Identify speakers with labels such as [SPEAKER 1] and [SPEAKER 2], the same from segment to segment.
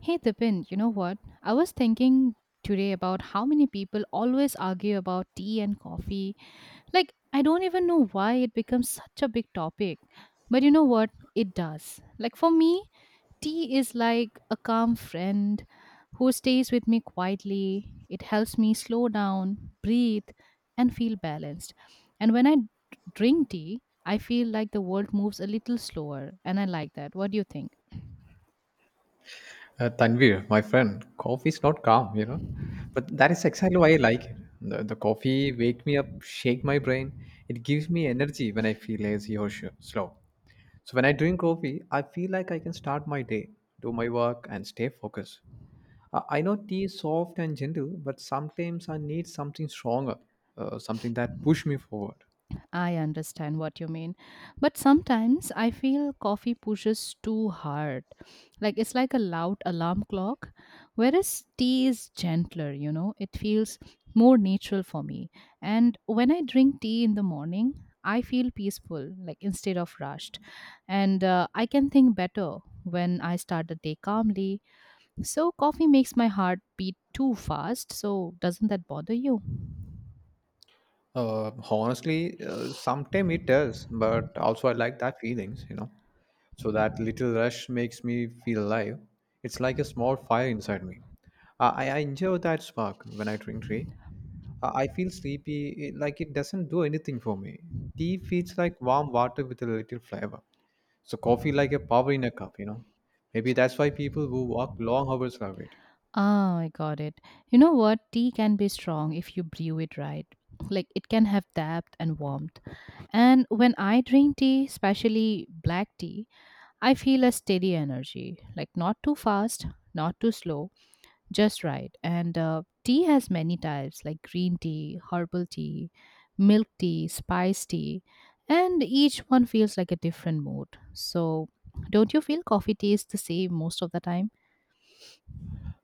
[SPEAKER 1] Hey Tipin, you know what? I was thinking today about how many people always argue about tea and coffee. Like, I don't even know why it becomes such a big topic. But you know what? It does. Like, for me, tea is like a calm friend who stays with me quietly. It helps me slow down, breathe, and feel balanced. And when drink tea, I feel like the world moves a little slower, and I like that. What do you think?
[SPEAKER 2] Tanvir, my friend, coffee is not calm, you know. But that is exactly why I like it. The coffee wake me up, shake my brain. It gives me energy when I feel lazy or slow. So when I drink coffee, I feel like I can start my day, do my work, and stay focused. I know tea is soft and gentle, but sometimes I need something stronger, something that push me forward.
[SPEAKER 1] I understand what you mean. But sometimes I feel coffee pushes too hard. Like it's like a loud alarm clock. Whereas tea is gentler, it feels more natural for me. And when I drink tea in the morning, I feel peaceful, like instead of rushed. And I can think better when I start the day calmly. So coffee makes my heart beat too fast. So doesn't that bother you?
[SPEAKER 2] Honestly, sometimes it does, but also I like that feelings. So that little rush makes me feel alive. It's like a small fire inside me. I enjoy that spark when I drink tea. I feel sleepy, like it doesn't do anything for me. Tea feels like warm water with a little flavor. So coffee like a power in a cup. Maybe that's why people who walk long hours love it.
[SPEAKER 1] Ah, I got it. You know what? Tea can be strong if you brew it right. Like it can have depth and warmth. And when I drink tea, especially black tea, I feel a steady energy. Like not too fast, not too slow, just right. And tea has many types like green tea, herbal tea, milk tea, spice tea. And each one feels like a different mood. So don't you feel coffee tea is the same most of the time?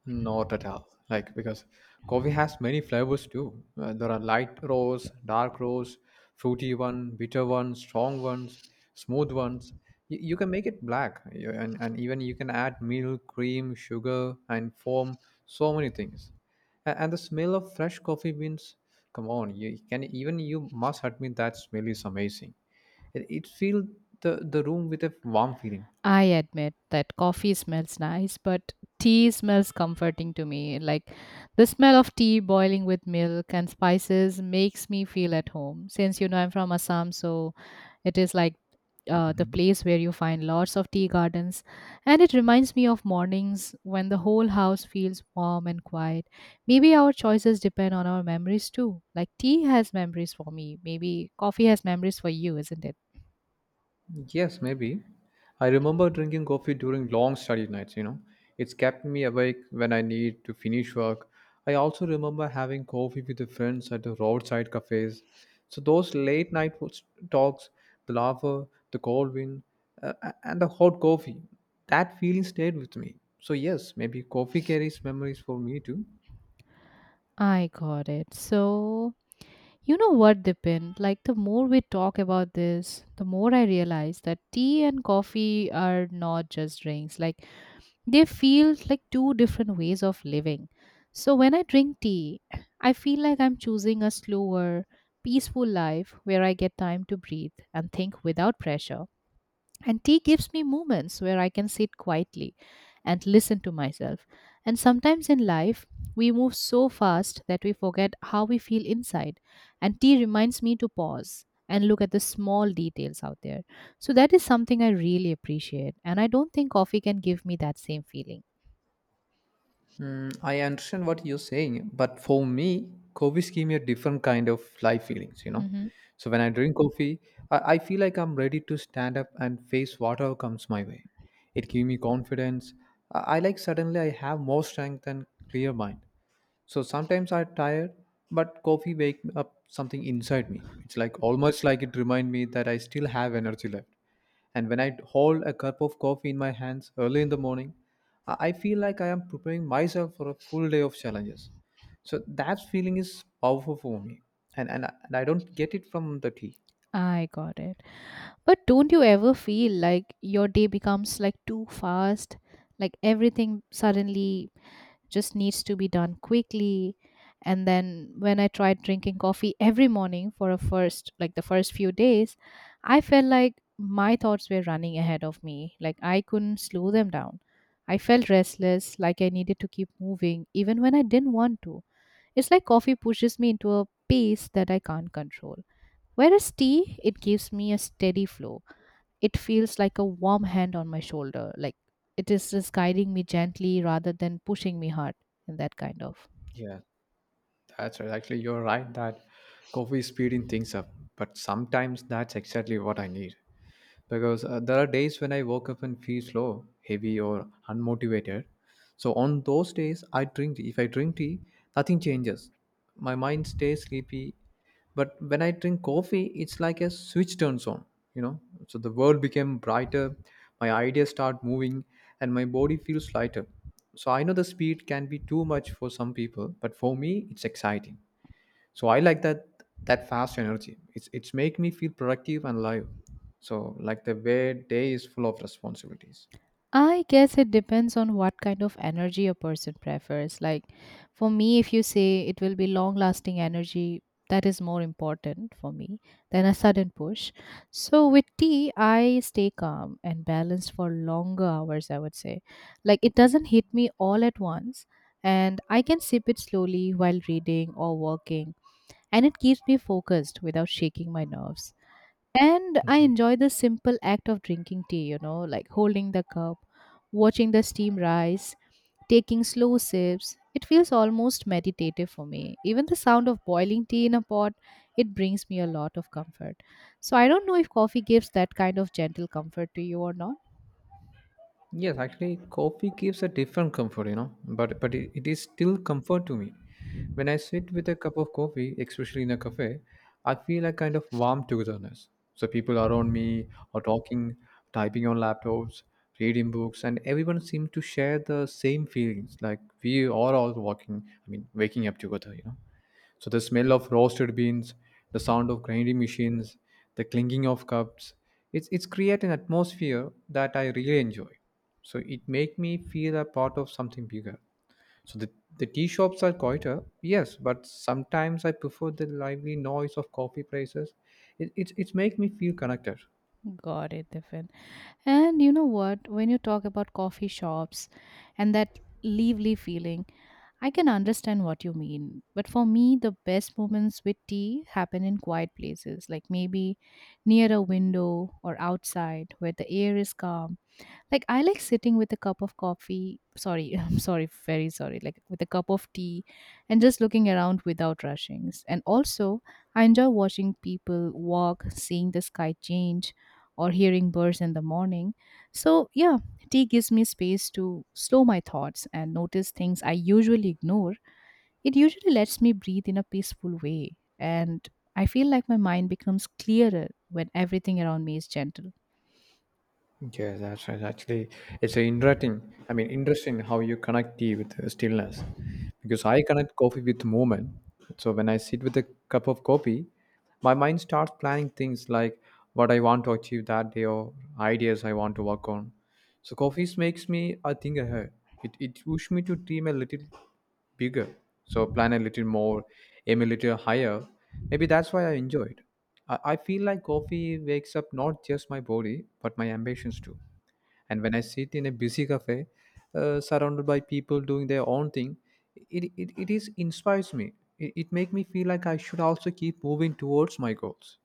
[SPEAKER 2] Not at all. Like because coffee has many flavors too. There are light roast, dark roast, fruity one, bitter one, strong ones, smooth ones. You can make it black, and even you can add milk, cream, sugar, and foam. So many things. And the smell of fresh coffee beans. Come on, you can even you must admit that smell is amazing. It fills the room with a warm feeling.
[SPEAKER 1] I admit that coffee smells nice, but tea smells comforting to me. Like the smell of tea boiling with milk and spices makes me feel at home. Since you know I'm from Assam, so it is like the place where you find lots of tea gardens. And it reminds me of mornings when the whole house feels warm and quiet. Maybe our choices depend on our memories too. Like tea has memories for me. Maybe coffee has memories for you, isn't it?
[SPEAKER 2] Yes, maybe. I remember drinking coffee during long study nights, you know. It's kept me awake when I need to finish work. I also remember having coffee with the friends at the roadside cafes. So those late night talks, the laughter, the cold wind, and the hot coffee, that feeling stayed with me. So yes, maybe coffee carries memories for me too.
[SPEAKER 1] I got it. So you know what, Dipin? Like, the more we talk about this, the more I realize that tea and coffee are not just drinks. Like, they feel like two different ways of living. So when I drink tea, I feel like I'm choosing a slower, peaceful life where I get time to breathe and think without pressure. And tea gives me moments where I can sit quietly and listen to myself. And sometimes in life, we move so fast that we forget how we feel inside. And tea reminds me to pause and look at the small details out there. So that is something I really appreciate. And I don't think coffee can give me that same feeling.
[SPEAKER 2] I understand what you're saying, but for me, coffees give me a different kind of life feelings, you know.
[SPEAKER 1] Hmm.
[SPEAKER 2] So when I drink coffee, I feel like I'm ready to stand up and face whatever comes my way. It gives me confidence. I like suddenly I have more strength and clear mind. So sometimes I'm tired, but coffee wake up something inside me. It's like almost like it remind me that I still have energy left. And when I hold a cup of coffee in my hands early in the morning, I feel like I am preparing myself for a full day of challenges. So that feeling is powerful for me, and I don't get it from the tea.
[SPEAKER 1] I got it. But don't you ever feel like your day becomes like too fast? Like everything suddenly just needs to be done quickly. And then when I tried drinking coffee every morning for a first, like the first few days, I felt like my thoughts were running ahead of me. Like I couldn't slow them down. I felt restless, like I needed to keep moving even when I didn't want to. It's like coffee pushes me into a pace that I can't control. Whereas tea, it gives me a steady flow. It feels like a warm hand on my shoulder. Like it is just guiding me gently rather than pushing me hard in that kind of.
[SPEAKER 2] Yeah, that's right. Actually, you're right that coffee is speeding things up, but sometimes that's exactly what I need. Because there are days when I woke up and feel slow, heavy, or unmotivated. So on those days, I drink tea. If I drink tea, nothing changes. My mind stays sleepy. But when I drink coffee, it's like a switch turns on, you know. So the world became brighter, my ideas start moving, and my body feels lighter. So I know the speed can be too much for some people, but for me, it's exciting, so I like that that fast energy, it's make me feel productive and alive. So like the way day is full of responsibilities.
[SPEAKER 1] I guess it depends on what kind of energy a person prefers. Like for me, if you say it will be long lasting energy, that is more important for me than a sudden push. So with tea, I stay calm and balanced for longer hours, I would say. Like it doesn't hit me all at once, and I can sip it slowly while reading or working, and it keeps me focused without shaking my nerves. And I enjoy the simple act of drinking tea, like holding the cup, watching the steam rise, taking slow sips. It feels almost meditative for me. Even the sound of boiling tea in a pot, it brings me a lot of comfort. So I don't know if coffee gives that kind of gentle comfort to you or not.
[SPEAKER 2] Yes, actually coffee gives a different comfort, you know, but it, it is still comfort to me. When I sit with a cup of coffee, especially in a cafe, I feel a kind of warm togetherness. So people around me are talking, typing on laptops, reading books, and everyone seems to share the same feelings, like we are all walking, waking up together, you know. So the smell of roasted beans, the sound of grinding machines, the clinking of cups, it's create an atmosphere that I really enjoy. So it make me feel a part of something bigger. So the tea shops are quieter, yes, but sometimes I prefer the lively noise of coffee places. It makes me feel connected.
[SPEAKER 1] Got it, Diffin. And you know what? When you talk about coffee shops and that lively feeling, I can understand what you mean, but for me, the best moments with tea happen in quiet places, like maybe near a window or outside where the air is calm, like I like sitting with a cup of coffee. Sorry, I'm sorry, very sorry. Like with a cup of tea and just looking around without rushings. And also, I enjoy watching people walk, seeing the sky change, or hearing birds in the morning. So, yeah, tea gives me space to slow my thoughts and notice things I usually ignore. It usually lets me breathe in a peaceful way. And I feel like my mind becomes clearer when everything around me is gentle.
[SPEAKER 2] Yeah, that's right. Actually, it's a interesting. I mean, interesting how you connect tea with the stillness, because I connect coffee with movement. So when I sit with a cup of coffee, my mind starts planning things, like what I want to achieve that day or ideas I want to work on. So coffee makes me I think ahead. It pushes me to dream a little bigger. So plan a little more, aim a little higher. Maybe that's why I enjoy it. I feel like coffee wakes up not just my body, but my ambitions too. And when I sit in a busy cafe, surrounded by people doing their own thing, it is inspires me. It makes me feel like I should also keep moving towards my goals.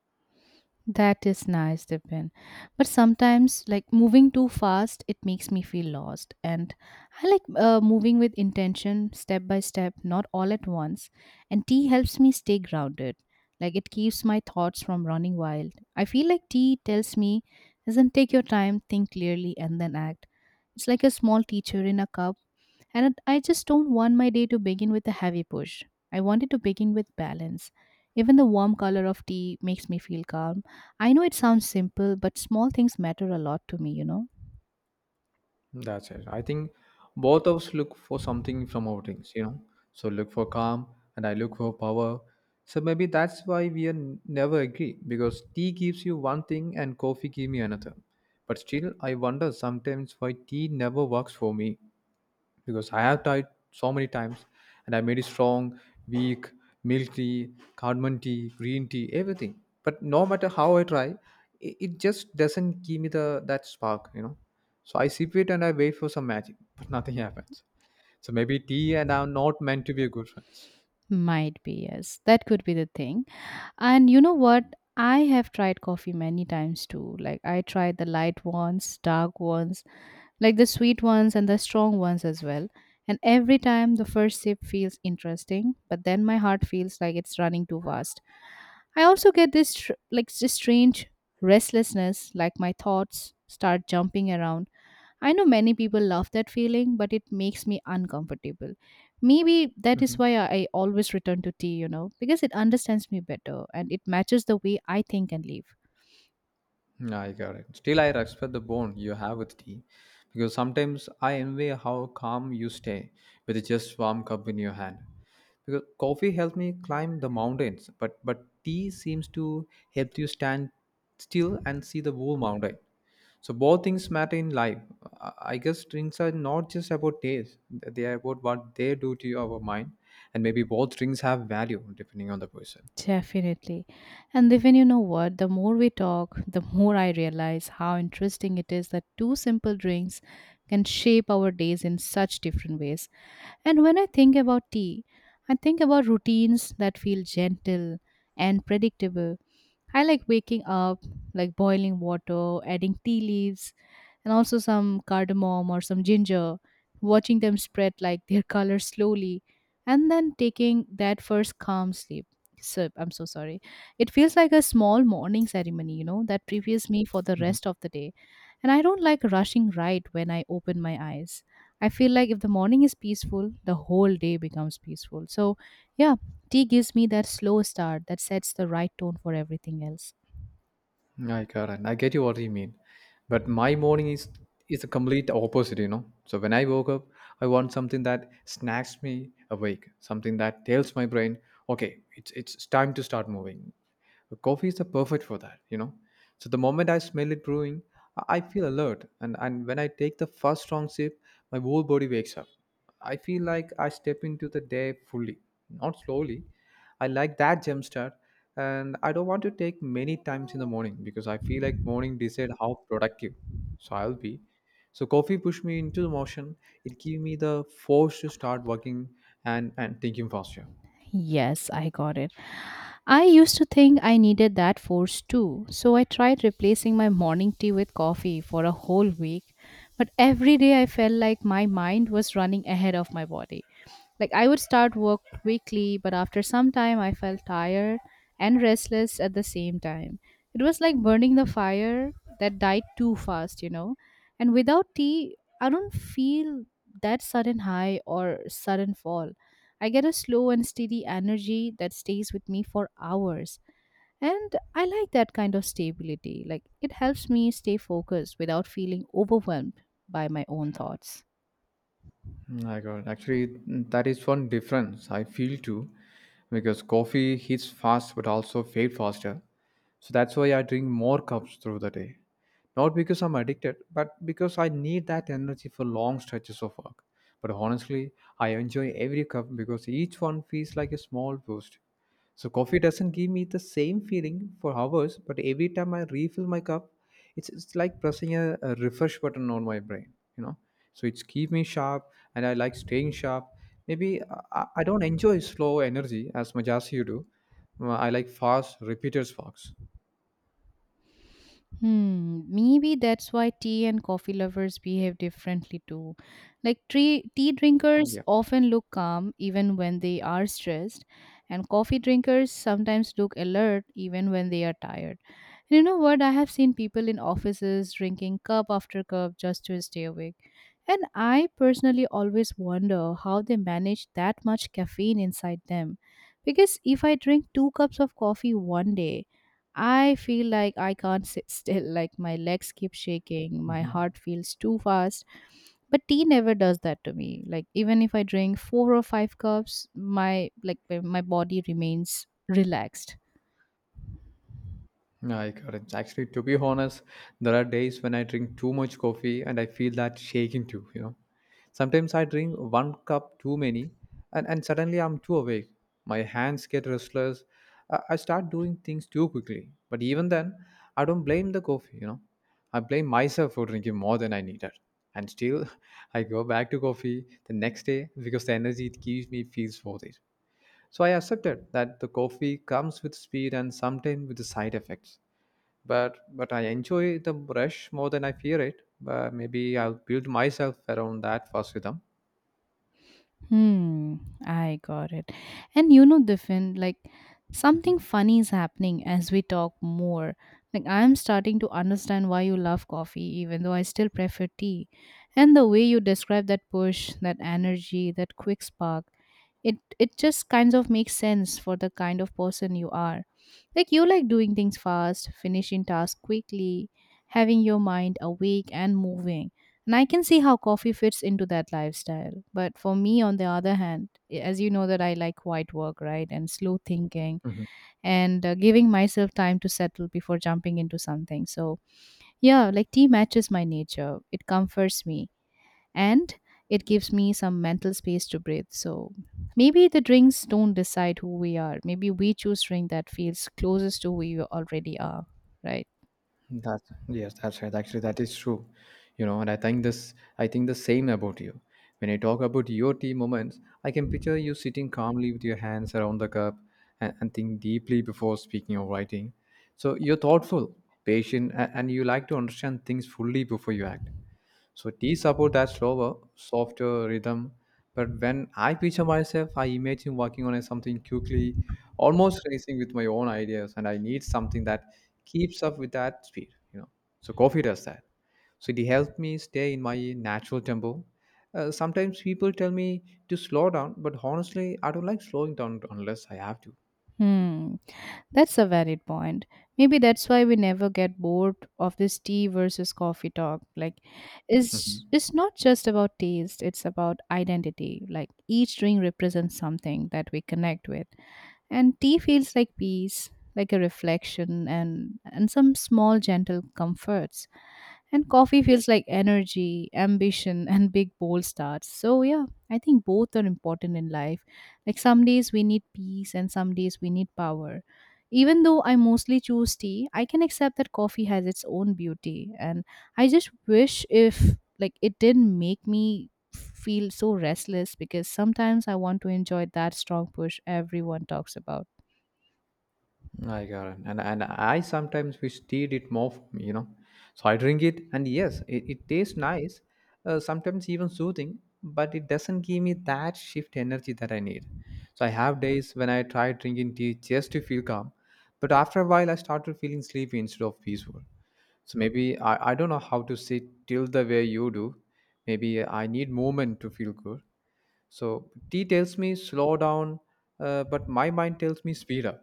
[SPEAKER 1] That is nice, Dipen. But sometimes, like moving too fast, it makes me feel lost. And I like moving with intention, step by step, not all at once. And tea helps me stay grounded. Like it keeps my thoughts from running wild. I feel like tea tells me, does take your time, think clearly, and then act. It's like a small teacher in a cup, and I just don't want my day to begin with a heavy push. I want it to begin with balance. Even the warm color of tea makes me feel calm. I know it sounds simple, but small things matter a lot to me, you know?
[SPEAKER 2] That's it. I think both of us look for something from our drinks, you know. So look for calm and I look for power. So maybe that's why we are never agree, because tea gives you one thing and coffee gives me another. But still, I wonder sometimes why tea never works for me, because I have tried so many times and I made it strong, weak, milk tea, cardamom tea, green tea, everything. But no matter how I try, it just doesn't give me the that spark, you know. So I sip it and I wait for some magic, but nothing happens. So maybe tea and I are not meant to be good friends.
[SPEAKER 1] Might be, yes. That could be the thing. And you know what? I have tried coffee many times too. Like, I tried the light ones, dark ones, like the sweet ones and the strong ones as well. And every time the first sip feels interesting, but then my heart feels like it's running too fast. I also get like this strange restlessness, like my thoughts start jumping around. I know many people love that feeling, but it makes me uncomfortable. Maybe that is
[SPEAKER 2] Mm-hmm.
[SPEAKER 1] why I always return to tea, because it understands me better and it matches the way I think and live.
[SPEAKER 2] Yeah, I got it. Still, I respect the bond you have with tea, because sometimes I envy how calm you stay with just warm cup in your hand. Because coffee helped me climb the mountains, but tea seems to help you stand still and see the whole mountain. So both things matter in life. I guess drinks are not just about taste, they are about what they do to your mind, and maybe both drinks have value depending on the person.
[SPEAKER 1] Definitely. And even you know what, the more we talk, the more I realize how interesting it is that two simple drinks can shape our days in such different ways. And when I think about tea, I think about routines that feel gentle and predictable. I like waking up, like boiling water, adding tea leaves, and also some cardamom or some ginger, watching them spread like their color slowly, and then taking that first calm sleep. So I'm so sorry. It feels like a small morning ceremony, that prepares me for the rest of the day. And I don't like rushing right when I open my eyes. I feel like if the morning is peaceful, the whole day becomes peaceful. So, yeah, tea gives me that slow start that sets the right tone for everything else.
[SPEAKER 2] Yeah, I got it. I get you what you mean. But my morning is the complete opposite, you know. So when I woke up, I want something that snacks me awake, something that tells my brain, okay, it's time to start moving. Coffee is the perfect for that, you know. So the moment I smell it brewing, I feel alert, and when I take the first strong sip, my whole body wakes up. I feel like I step into the day fully, not slowly. I like that jump start, and I don't want to take many times in the morning because I feel like morning decide how productive so I'll be. So coffee pushed me into the motion. It gave me the force to start working and thinking faster.
[SPEAKER 1] Yes, I got it. I used to think I needed that force too, so I tried replacing my morning tea with coffee for a whole week. But every day I felt like my mind was running ahead of my body. Like I would start work quickly, but after some time I felt tired and restless at the same time. It was like burning the fire that died too fast. And without tea, I don't feel that sudden high or sudden fall. I get a slow and steady energy that stays with me for hours. And I like that kind of stability. Like, it helps me stay focused without feeling overwhelmed by my own thoughts.
[SPEAKER 2] My God, actually, that is one difference I feel too, because coffee hits fast but also fade faster. So that's why I drink more cups through the day. Not because I'm addicted, but because I need that energy for long stretches of work. But honestly, I enjoy every cup because each one feels like a small boost. So coffee doesn't give me the same feeling for hours, but every time I refill my cup, it's like pressing a refresh button on my brain, you know. So it's keep me sharp, and I like staying sharp. Maybe I don't enjoy slow energy as much as you do. I like fast, repeated sparks.
[SPEAKER 1] Hmm, maybe that's why tea and coffee lovers behave differently too. Like tea drinkers
[SPEAKER 2] Yeah.
[SPEAKER 1] often look calm even when they are stressed, and coffee drinkers sometimes look alert even when they are tired. And you know what? I have seen people in offices drinking cup after cup just to stay awake. And I personally always wonder how they manage that much caffeine inside them. Because if I drink two cups of coffee one day, I feel like I can't sit still, like my legs keep shaking, my
[SPEAKER 2] Mhm.
[SPEAKER 1] heart feels too fast. But tea never does that to me. Like even if I drink 4 or 5 cups, my like my body remains relaxed.
[SPEAKER 2] No, I got it. Actually, to be honest, there are days when I drink too much coffee and I feel that shaking too, you know. Sometimes I drink one cup too many and suddenly I'm too awake. My hands get restless. I start doing things too quickly. But even then, I don't blame the coffee, you know. I blame myself for drinking more than I needed. And still, I go back to coffee the next day because the energy it gives me feels worth it. So I accepted that the coffee comes with speed and sometimes with the side effects, but I enjoy the rush more than I fear it, but maybe I'll build myself around that first rhythm.
[SPEAKER 1] Hmm, I got it. And you know, Diffin, like something funny is happening as we talk more. Like I'm starting to understand why you love coffee, even though I still prefer tea. And the way you describe that push, that energy, that quick spark, it just kind of makes sense for the kind of person you are. Like you like doing things fast, finishing tasks quickly, having your mind awake and moving, and I can see how coffee fits into that lifestyle. But for me, on the other hand, as you know, that I like quiet work, right, and slow thinking,
[SPEAKER 2] Mhm.
[SPEAKER 1] and giving myself time to settle before jumping into something. So yeah, like tea matches my nature, it comforts me, and it gives me some mental space to breathe. So maybe the drinks don't decide who we are, maybe we choose drink that feels closest to who we already are, right?
[SPEAKER 2] That's right. Actually, that is true. You know, and I think the same about you. When I talk about your tea moments, I can picture you sitting calmly with your hands around the cup and think deeply before speaking or writing. So you're thoughtful, patient, and you like to understand things fully before you act. So teas about that slower, softer rhythm. But when I picture myself, I imagine working on something quickly, almost racing with my own ideas, and I need something that keeps up with that speed, you know. So coffee does that. So it helps me stay in my natural tempo. Sometimes people tell me to slow down, but honestly, I don't like slowing down unless I have to.
[SPEAKER 1] hmm That's a valid point. Maybe that's why we never get bored of this tea versus coffee talk. Like it's it's not just about taste, it's about identity. Like each drink represents something that we connect with. And tea feels like peace, like a reflection and some small gentle comforts. And coffee feels like energy, ambition, and big bold starts. So, yeah, I think both are important in life. Like, some days we need peace, and some days we need power. Even though I mostly choose tea, I can accept that coffee has its own beauty. And I just wish if, like, it didn't make me feel so restless, because sometimes I want to enjoy that strong push everyone talks about.
[SPEAKER 2] I got it. And I sometimes wish tea did more for me, you know. So I drink it, and yes, it tastes nice, sometimes even soothing, but it doesn't give me that shift energy that I need. So I have days when I try drinking tea just to feel calm, but after a while, I started feeling sleepy instead of peaceful. So maybe I don't know how to sit till the way you do. Maybe I need movement to feel good. So tea tells me slow down, but my mind tells me speed up,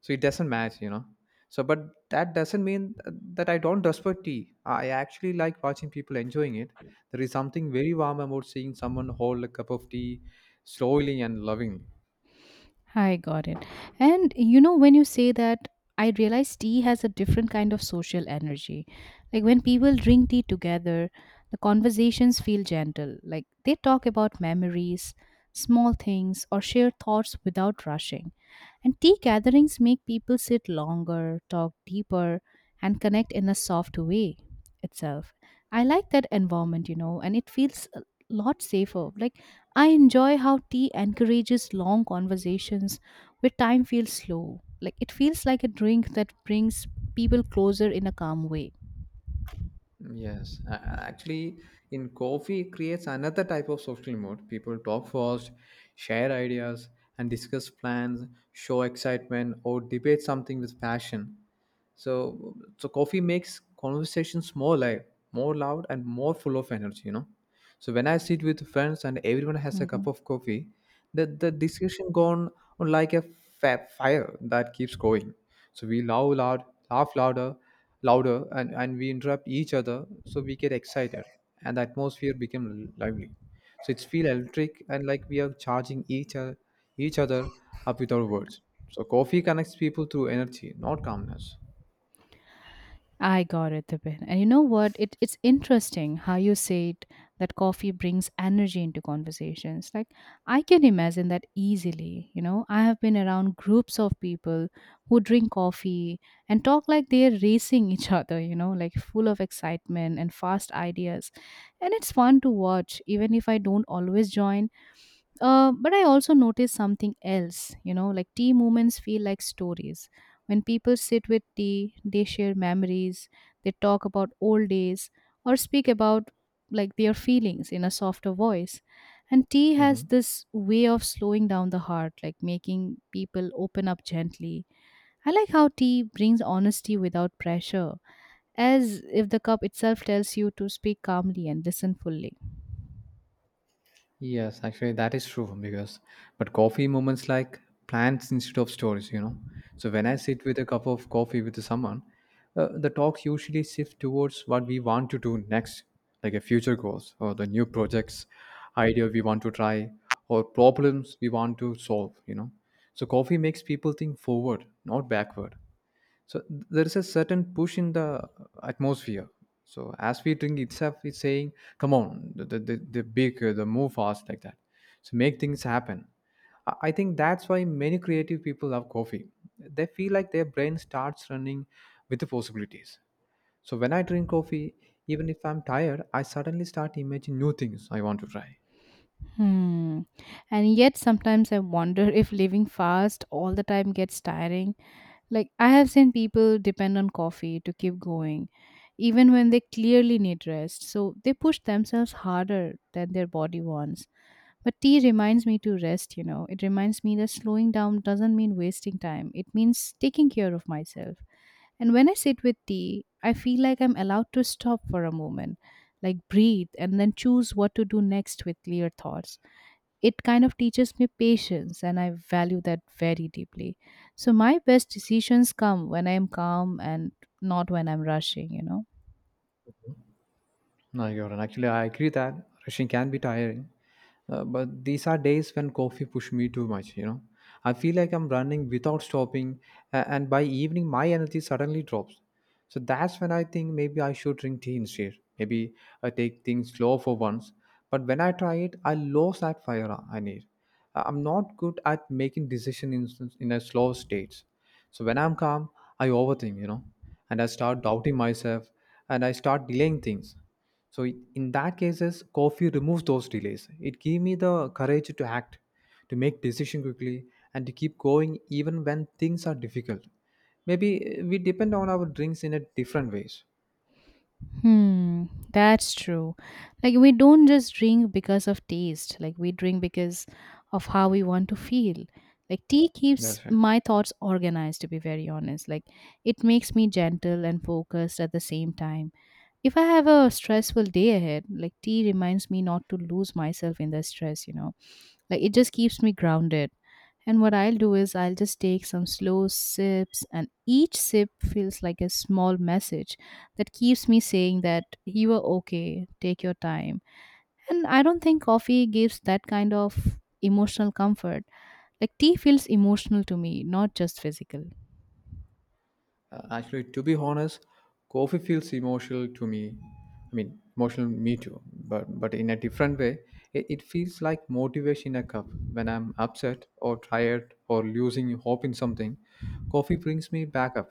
[SPEAKER 2] so it doesn't match, you know. So but that doesn't mean that I don't respect tea. I actually like watching people enjoying it. There is something very warm about seeing someone hold a cup of tea slowly and lovingly.
[SPEAKER 1] I got it. And you know, when you say that, I realize tea has a different kind of social energy. Like when people drink tea together, the conversations feel gentle. Like they talk about memories, small things, or share thoughts without rushing. And tea gatherings make people sit longer, talk deeper, and connect in a soft way itself. I like that environment, you know, and it feels lot safer. Like, I enjoy how tea encourages long conversations where time feels slow. Like, it feels like a drink that brings people closer in a calm way.
[SPEAKER 2] Yes, actually, in coffee it creates another type of social mode. People talk first, share ideas, and discuss plans, show excitement, or debate something with passion. So coffee makes conversations more live, more loud, and more full of energy. You know, so when I sit with friends and everyone has a cup
[SPEAKER 1] Mhm.
[SPEAKER 2] of coffee, the discussion gone on like a fire that keeps going. So we laugh loud, laugh louder, louder, and we interrupt each other. So we get excited, and the atmosphere became lively. So it's feel electric, and like we are charging each other up with our words. So coffee connects people through energy, not calmness.
[SPEAKER 1] I got it, Tipin. And you know what? It's interesting how you say it, that coffee brings energy into conversations. Like, I can imagine that easily. You know, I have been around groups of people who drink coffee and talk like they're racing each other, you know, like full of excitement and fast ideas. And it's fun to watch, even if I don't always join. But I also noticed something else, you know, like tea moments feel like stories. When people sit with tea, they share memories, they talk about old days, or speak about like their feelings in a softer voice. And tea has
[SPEAKER 2] Mhm.
[SPEAKER 1] this way of slowing down the heart, like making people open up gently. I like how tea brings honesty without pressure, as if the cup itself tells you to speak calmly and listen fully.
[SPEAKER 2] Yes, actually, that is true because, but coffee moments like plants instead of stories, you know. So when I sit with a cup of coffee with someone, the talks usually shift towards what we want to do next, like a future goals or the new projects, idea we want to try, or problems we want to solve, you know. So coffee makes people think forward, not backward. So there is a certain push in the atmosphere. So as we drink itself it's saying, come on, the bigger the move fast like that, so make things happen. I think that's why many creative people love coffee. They feel like their brain starts running with the possibilities. So when I drink coffee, even if I'm tired, I suddenly start imagining new things I want to try.
[SPEAKER 1] Hmm. And yet, sometimes I wonder if living fast all the time gets tiring. Like, I have seen people depend on coffee to keep going, even when they clearly need rest. So, they push themselves harder than their body wants. But tea reminds me to rest, you know. It reminds me that slowing down doesn't mean wasting time, it means taking care of myself. And when I sit with tea, I feel like I'm allowed to stop for a moment, like breathe, and then choose what to do next with clear thoughts. It kind of teaches me patience, and I value that very deeply. So my best decisions come when I am calm and not when I'm rushing, you know.
[SPEAKER 2] No, you're right. Actually, I agree that rushing can be tiring, but these are days when coffee push me too much. You know, I feel like I'm running without stopping, and by evening my energy suddenly drops. So that's when I think maybe I should drink tea instead. Maybe I take things slow for once. But when I try it, I lose that fire I need. I'm not good at making decisions in a slow state. So when I'm calm, I overthink, you know, and I start doubting myself, and I start delaying things. so i- in that cases coffee removes those delays. It gives me the courage to act, to make decision quickly, and to keep going even when things are difficult. Maybe we depend on our drinks in a different ways.
[SPEAKER 1] Hmm, that's true. Like we don't just drink because of taste, like we drink because of how we want to feel. Like tea keeps
[SPEAKER 2] That's right.
[SPEAKER 1] my thoughts organized, to be very honest. Like it makes me gentle and focused at the same time. If I have a stressful day ahead, like tea reminds me not to lose myself in the stress, like it just keeps me grounded. And what I'll do is I'll just take some slow sips, and each sip feels like a small message that keeps me saying that you are okay, take your time. And I don't think coffee gives that kind of emotional comfort. Like tea feels emotional to me, not just physical.
[SPEAKER 2] Actually, to be honest, coffee feels emotional to me. I mean, emotional me too, but in a different way. It feels like motivation in a cup. When I'm upset or tired or losing hope in something, coffee brings me back up.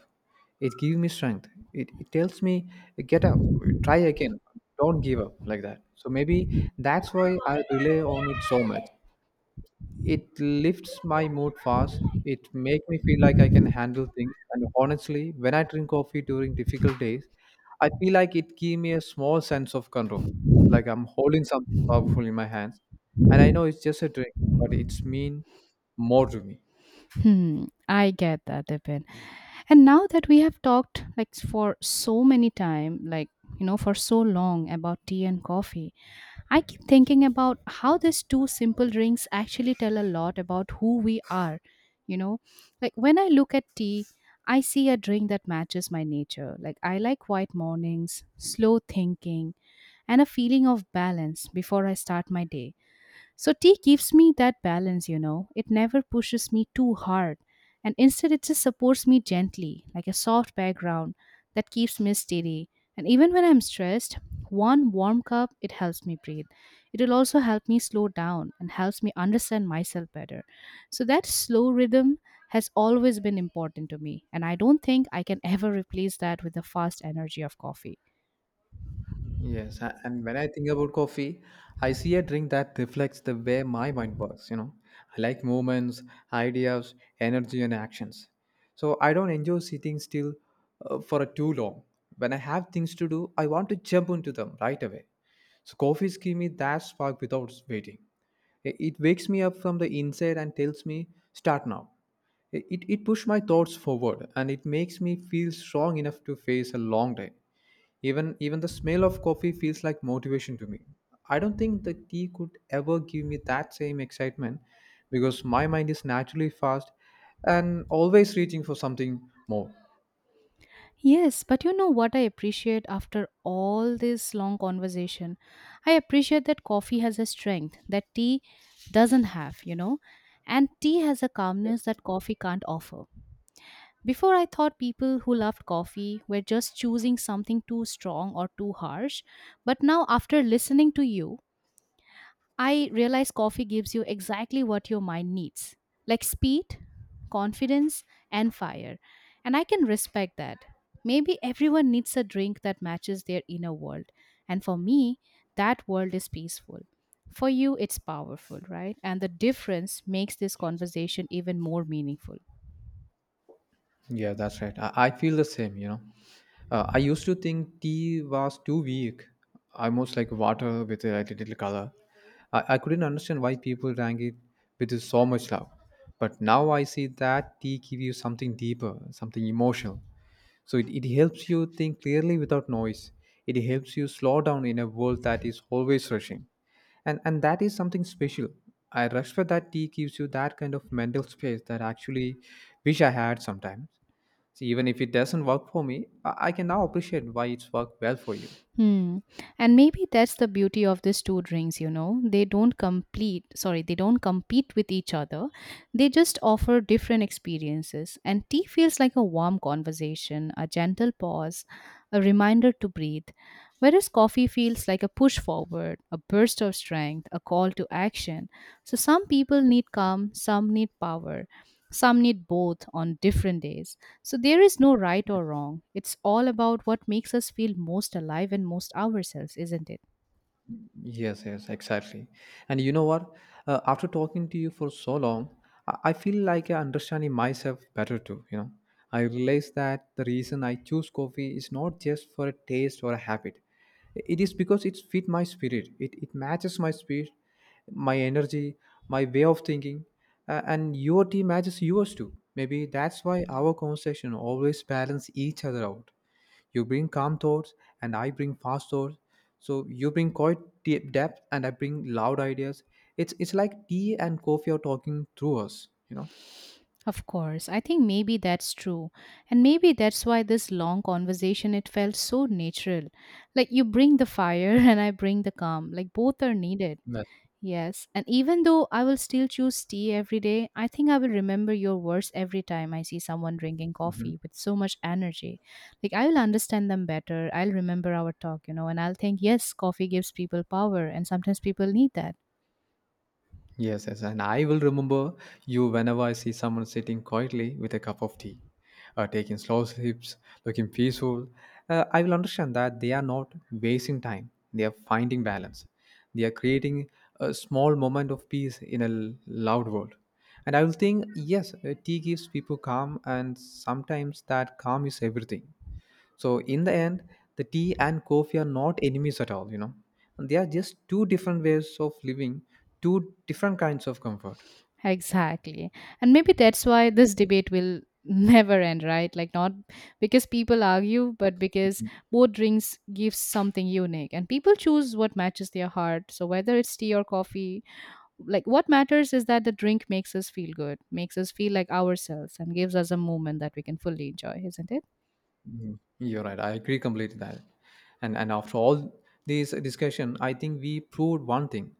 [SPEAKER 2] It gives me strength. It tells me, get up, try again, don't give up like that. So maybe that's why I rely on it so much. It lifts my mood fast. It makes me feel like I can handle things. And honestly, when I drink coffee during difficult days, I feel like it gives me a small sense of control. Like I'm holding something powerful in my hands. And I know it's just a drink, but it's mean more to me.
[SPEAKER 1] Hmm, I get that, Dipin. And now that we have talked like for so many time, like you know, for so long about tea and coffee, I keep thinking about how these two simple drinks actually tell a lot about who we are. You know, like when I look at tea, I see a drink that matches my nature. Like I like quiet mornings, slow thinking, and a feeling of balance before I start my day. So tea gives me that balance, you know. It never pushes me too hard. And instead, it just supports me gently, like a soft background that keeps me steady. And even when I'm stressed, one warm cup, it helps me breathe. It will also help me slow down and helps me understand myself better. So that slow rhythm has always been important to me. And I don't think I can ever replace that with the fast energy of coffee.
[SPEAKER 2] Yes, and when I think about coffee, I see a drink that reflects the way my mind works, you know. I like movements, ideas, energy, and actions. So I don't enjoy sitting still for too long. When I have things to do, I want to jump into them right away. So coffees give me that spark without waiting. It wakes me up from the inside and tells me, start now. It pushed my thoughts forward and it makes me feel strong enough to face a long day. Even the smell of coffee feels like motivation to me. I don't think the tea could ever give me that same excitement because my mind is naturally fast and always reaching for something more.
[SPEAKER 1] Yes, but you know what I appreciate after all this long conversation? I appreciate that coffee has a strength that tea doesn't have, you know, and tea has a calmness that coffee can't offer. Before, I thought people who loved coffee were just choosing something too strong or too harsh, but now, after listening to you, I realize coffee gives you exactly what your mind needs, like speed, confidence, and fire. And I can respect that. Maybe everyone needs a drink that matches their inner world. And for me, that world is peaceful. For you, it's powerful, right? And the difference makes this conversation even more meaningful.
[SPEAKER 2] Yeah, that's right. I feel the same, you know. I used to think tea was too weak, almost like water with a like, little color. I couldn't understand why people drank it with so much love. But now I see that tea gives you something deeper, something emotional. So it helps you think clearly without noise. It helps you slow down in a world that is always rushing. And that is something special. I respect that tea gives you that kind of mental space that actually wish I had sometimes. See, even if it doesn't work for me, I can now appreciate why it's worked well for you.
[SPEAKER 1] Hmm. And maybe that's the beauty of these two drinks, you know. They don't complete, sorry, they don't compete with each other. They just offer different experiences. And tea feels like a warm conversation, a gentle pause, a reminder to breathe. Whereas coffee feels like a push forward, a burst of strength, a call to action. So some people need calm, some need power. Some need both on different days. So there is no right or wrong. It's all about what makes us feel most alive and most ourselves, isn't it?
[SPEAKER 2] Yes, yes, exactly. And you know what? After talking to you for so long, I feel like I'm understanding myself better too. You know, I realize that the reason I choose coffee is not just for a taste or a habit. It is because it fit my spirit. It matches my spirit, my energy, my way of thinking, and your tea matches yours too. Maybe that's why our conversation always balance each other out. You bring calm thoughts, and I bring fast thoughts. So you bring quite deep depth, and I bring loud ideas. It's like tea and coffee are talking through us. You know.
[SPEAKER 1] Of course, I think maybe that's true. And maybe that's why this long conversation it felt so natural. Like you bring the fire and I bring the calm. Like both are needed.
[SPEAKER 2] That's.
[SPEAKER 1] Yes, and even though I will still choose tea every day, I think I will remember your words every time I see someone drinking coffee with so much energy. Like, I will understand them better. I'll remember our talk, you know, and I'll think, yes, coffee gives people power, and sometimes people need that.
[SPEAKER 2] Yes, yes, and I will remember you whenever I see someone sitting quietly with a cup of tea, taking slow sips, looking peaceful. I will understand that they are not wasting time, they are finding balance. They are creating a small moment of peace in a loud world. And I will think, yes, tea gives people calm, and sometimes that calm is everything. So in the end, the tea and coffee are not enemies at all, you know. And they are just two different ways of living, two different kinds of comfort.
[SPEAKER 1] Exactly. And maybe that's why this debate will never end, right? Like, not because people argue, but because both drinks gives something unique, and people choose what matches their heart. So, whether it's tea or coffee, like what matters is that the drink makes us feel good, makes us feel like ourselves, and gives us a moment that we can fully enjoy, isn't it?
[SPEAKER 2] Mhm. You're right. I agree completely that. And after all this discussion, I think we proved one thing,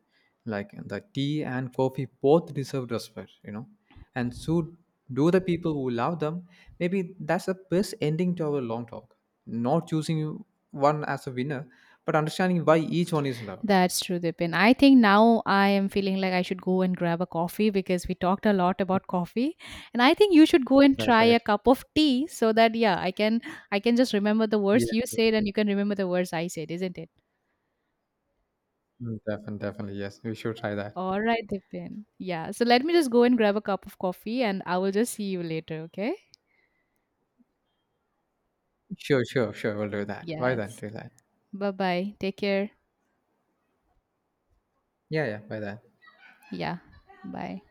[SPEAKER 2] like the tea and coffee both deserve respect, you know, and should do the people who love them. Maybe that's the best ending to our long talk. Not choosing one as a winner, but understanding why each one is loved.
[SPEAKER 1] That's true, Dipin. I think now I am feeling like I should go and grab a coffee because we talked a lot about coffee, and I think you should go and
[SPEAKER 2] That's
[SPEAKER 1] try
[SPEAKER 2] right.
[SPEAKER 1] a cup of tea so that yeah, I can I can just remember the words
[SPEAKER 2] Yes,
[SPEAKER 1] you
[SPEAKER 2] yes.
[SPEAKER 1] said and you can remember the words I said, isn't it?
[SPEAKER 2] Mm, definitely, definitely. Yes, we should try that.
[SPEAKER 1] All right, Dipin, yeah, so let me just go and grab a cup of coffee, and I will just see you later, okay?
[SPEAKER 2] Sure, sure, sure. We'll do that. Why
[SPEAKER 1] Yes,
[SPEAKER 2] then? Do that.
[SPEAKER 1] bye bye, take care.
[SPEAKER 2] Yeah, yeah. Why then?
[SPEAKER 1] Yeah, bye.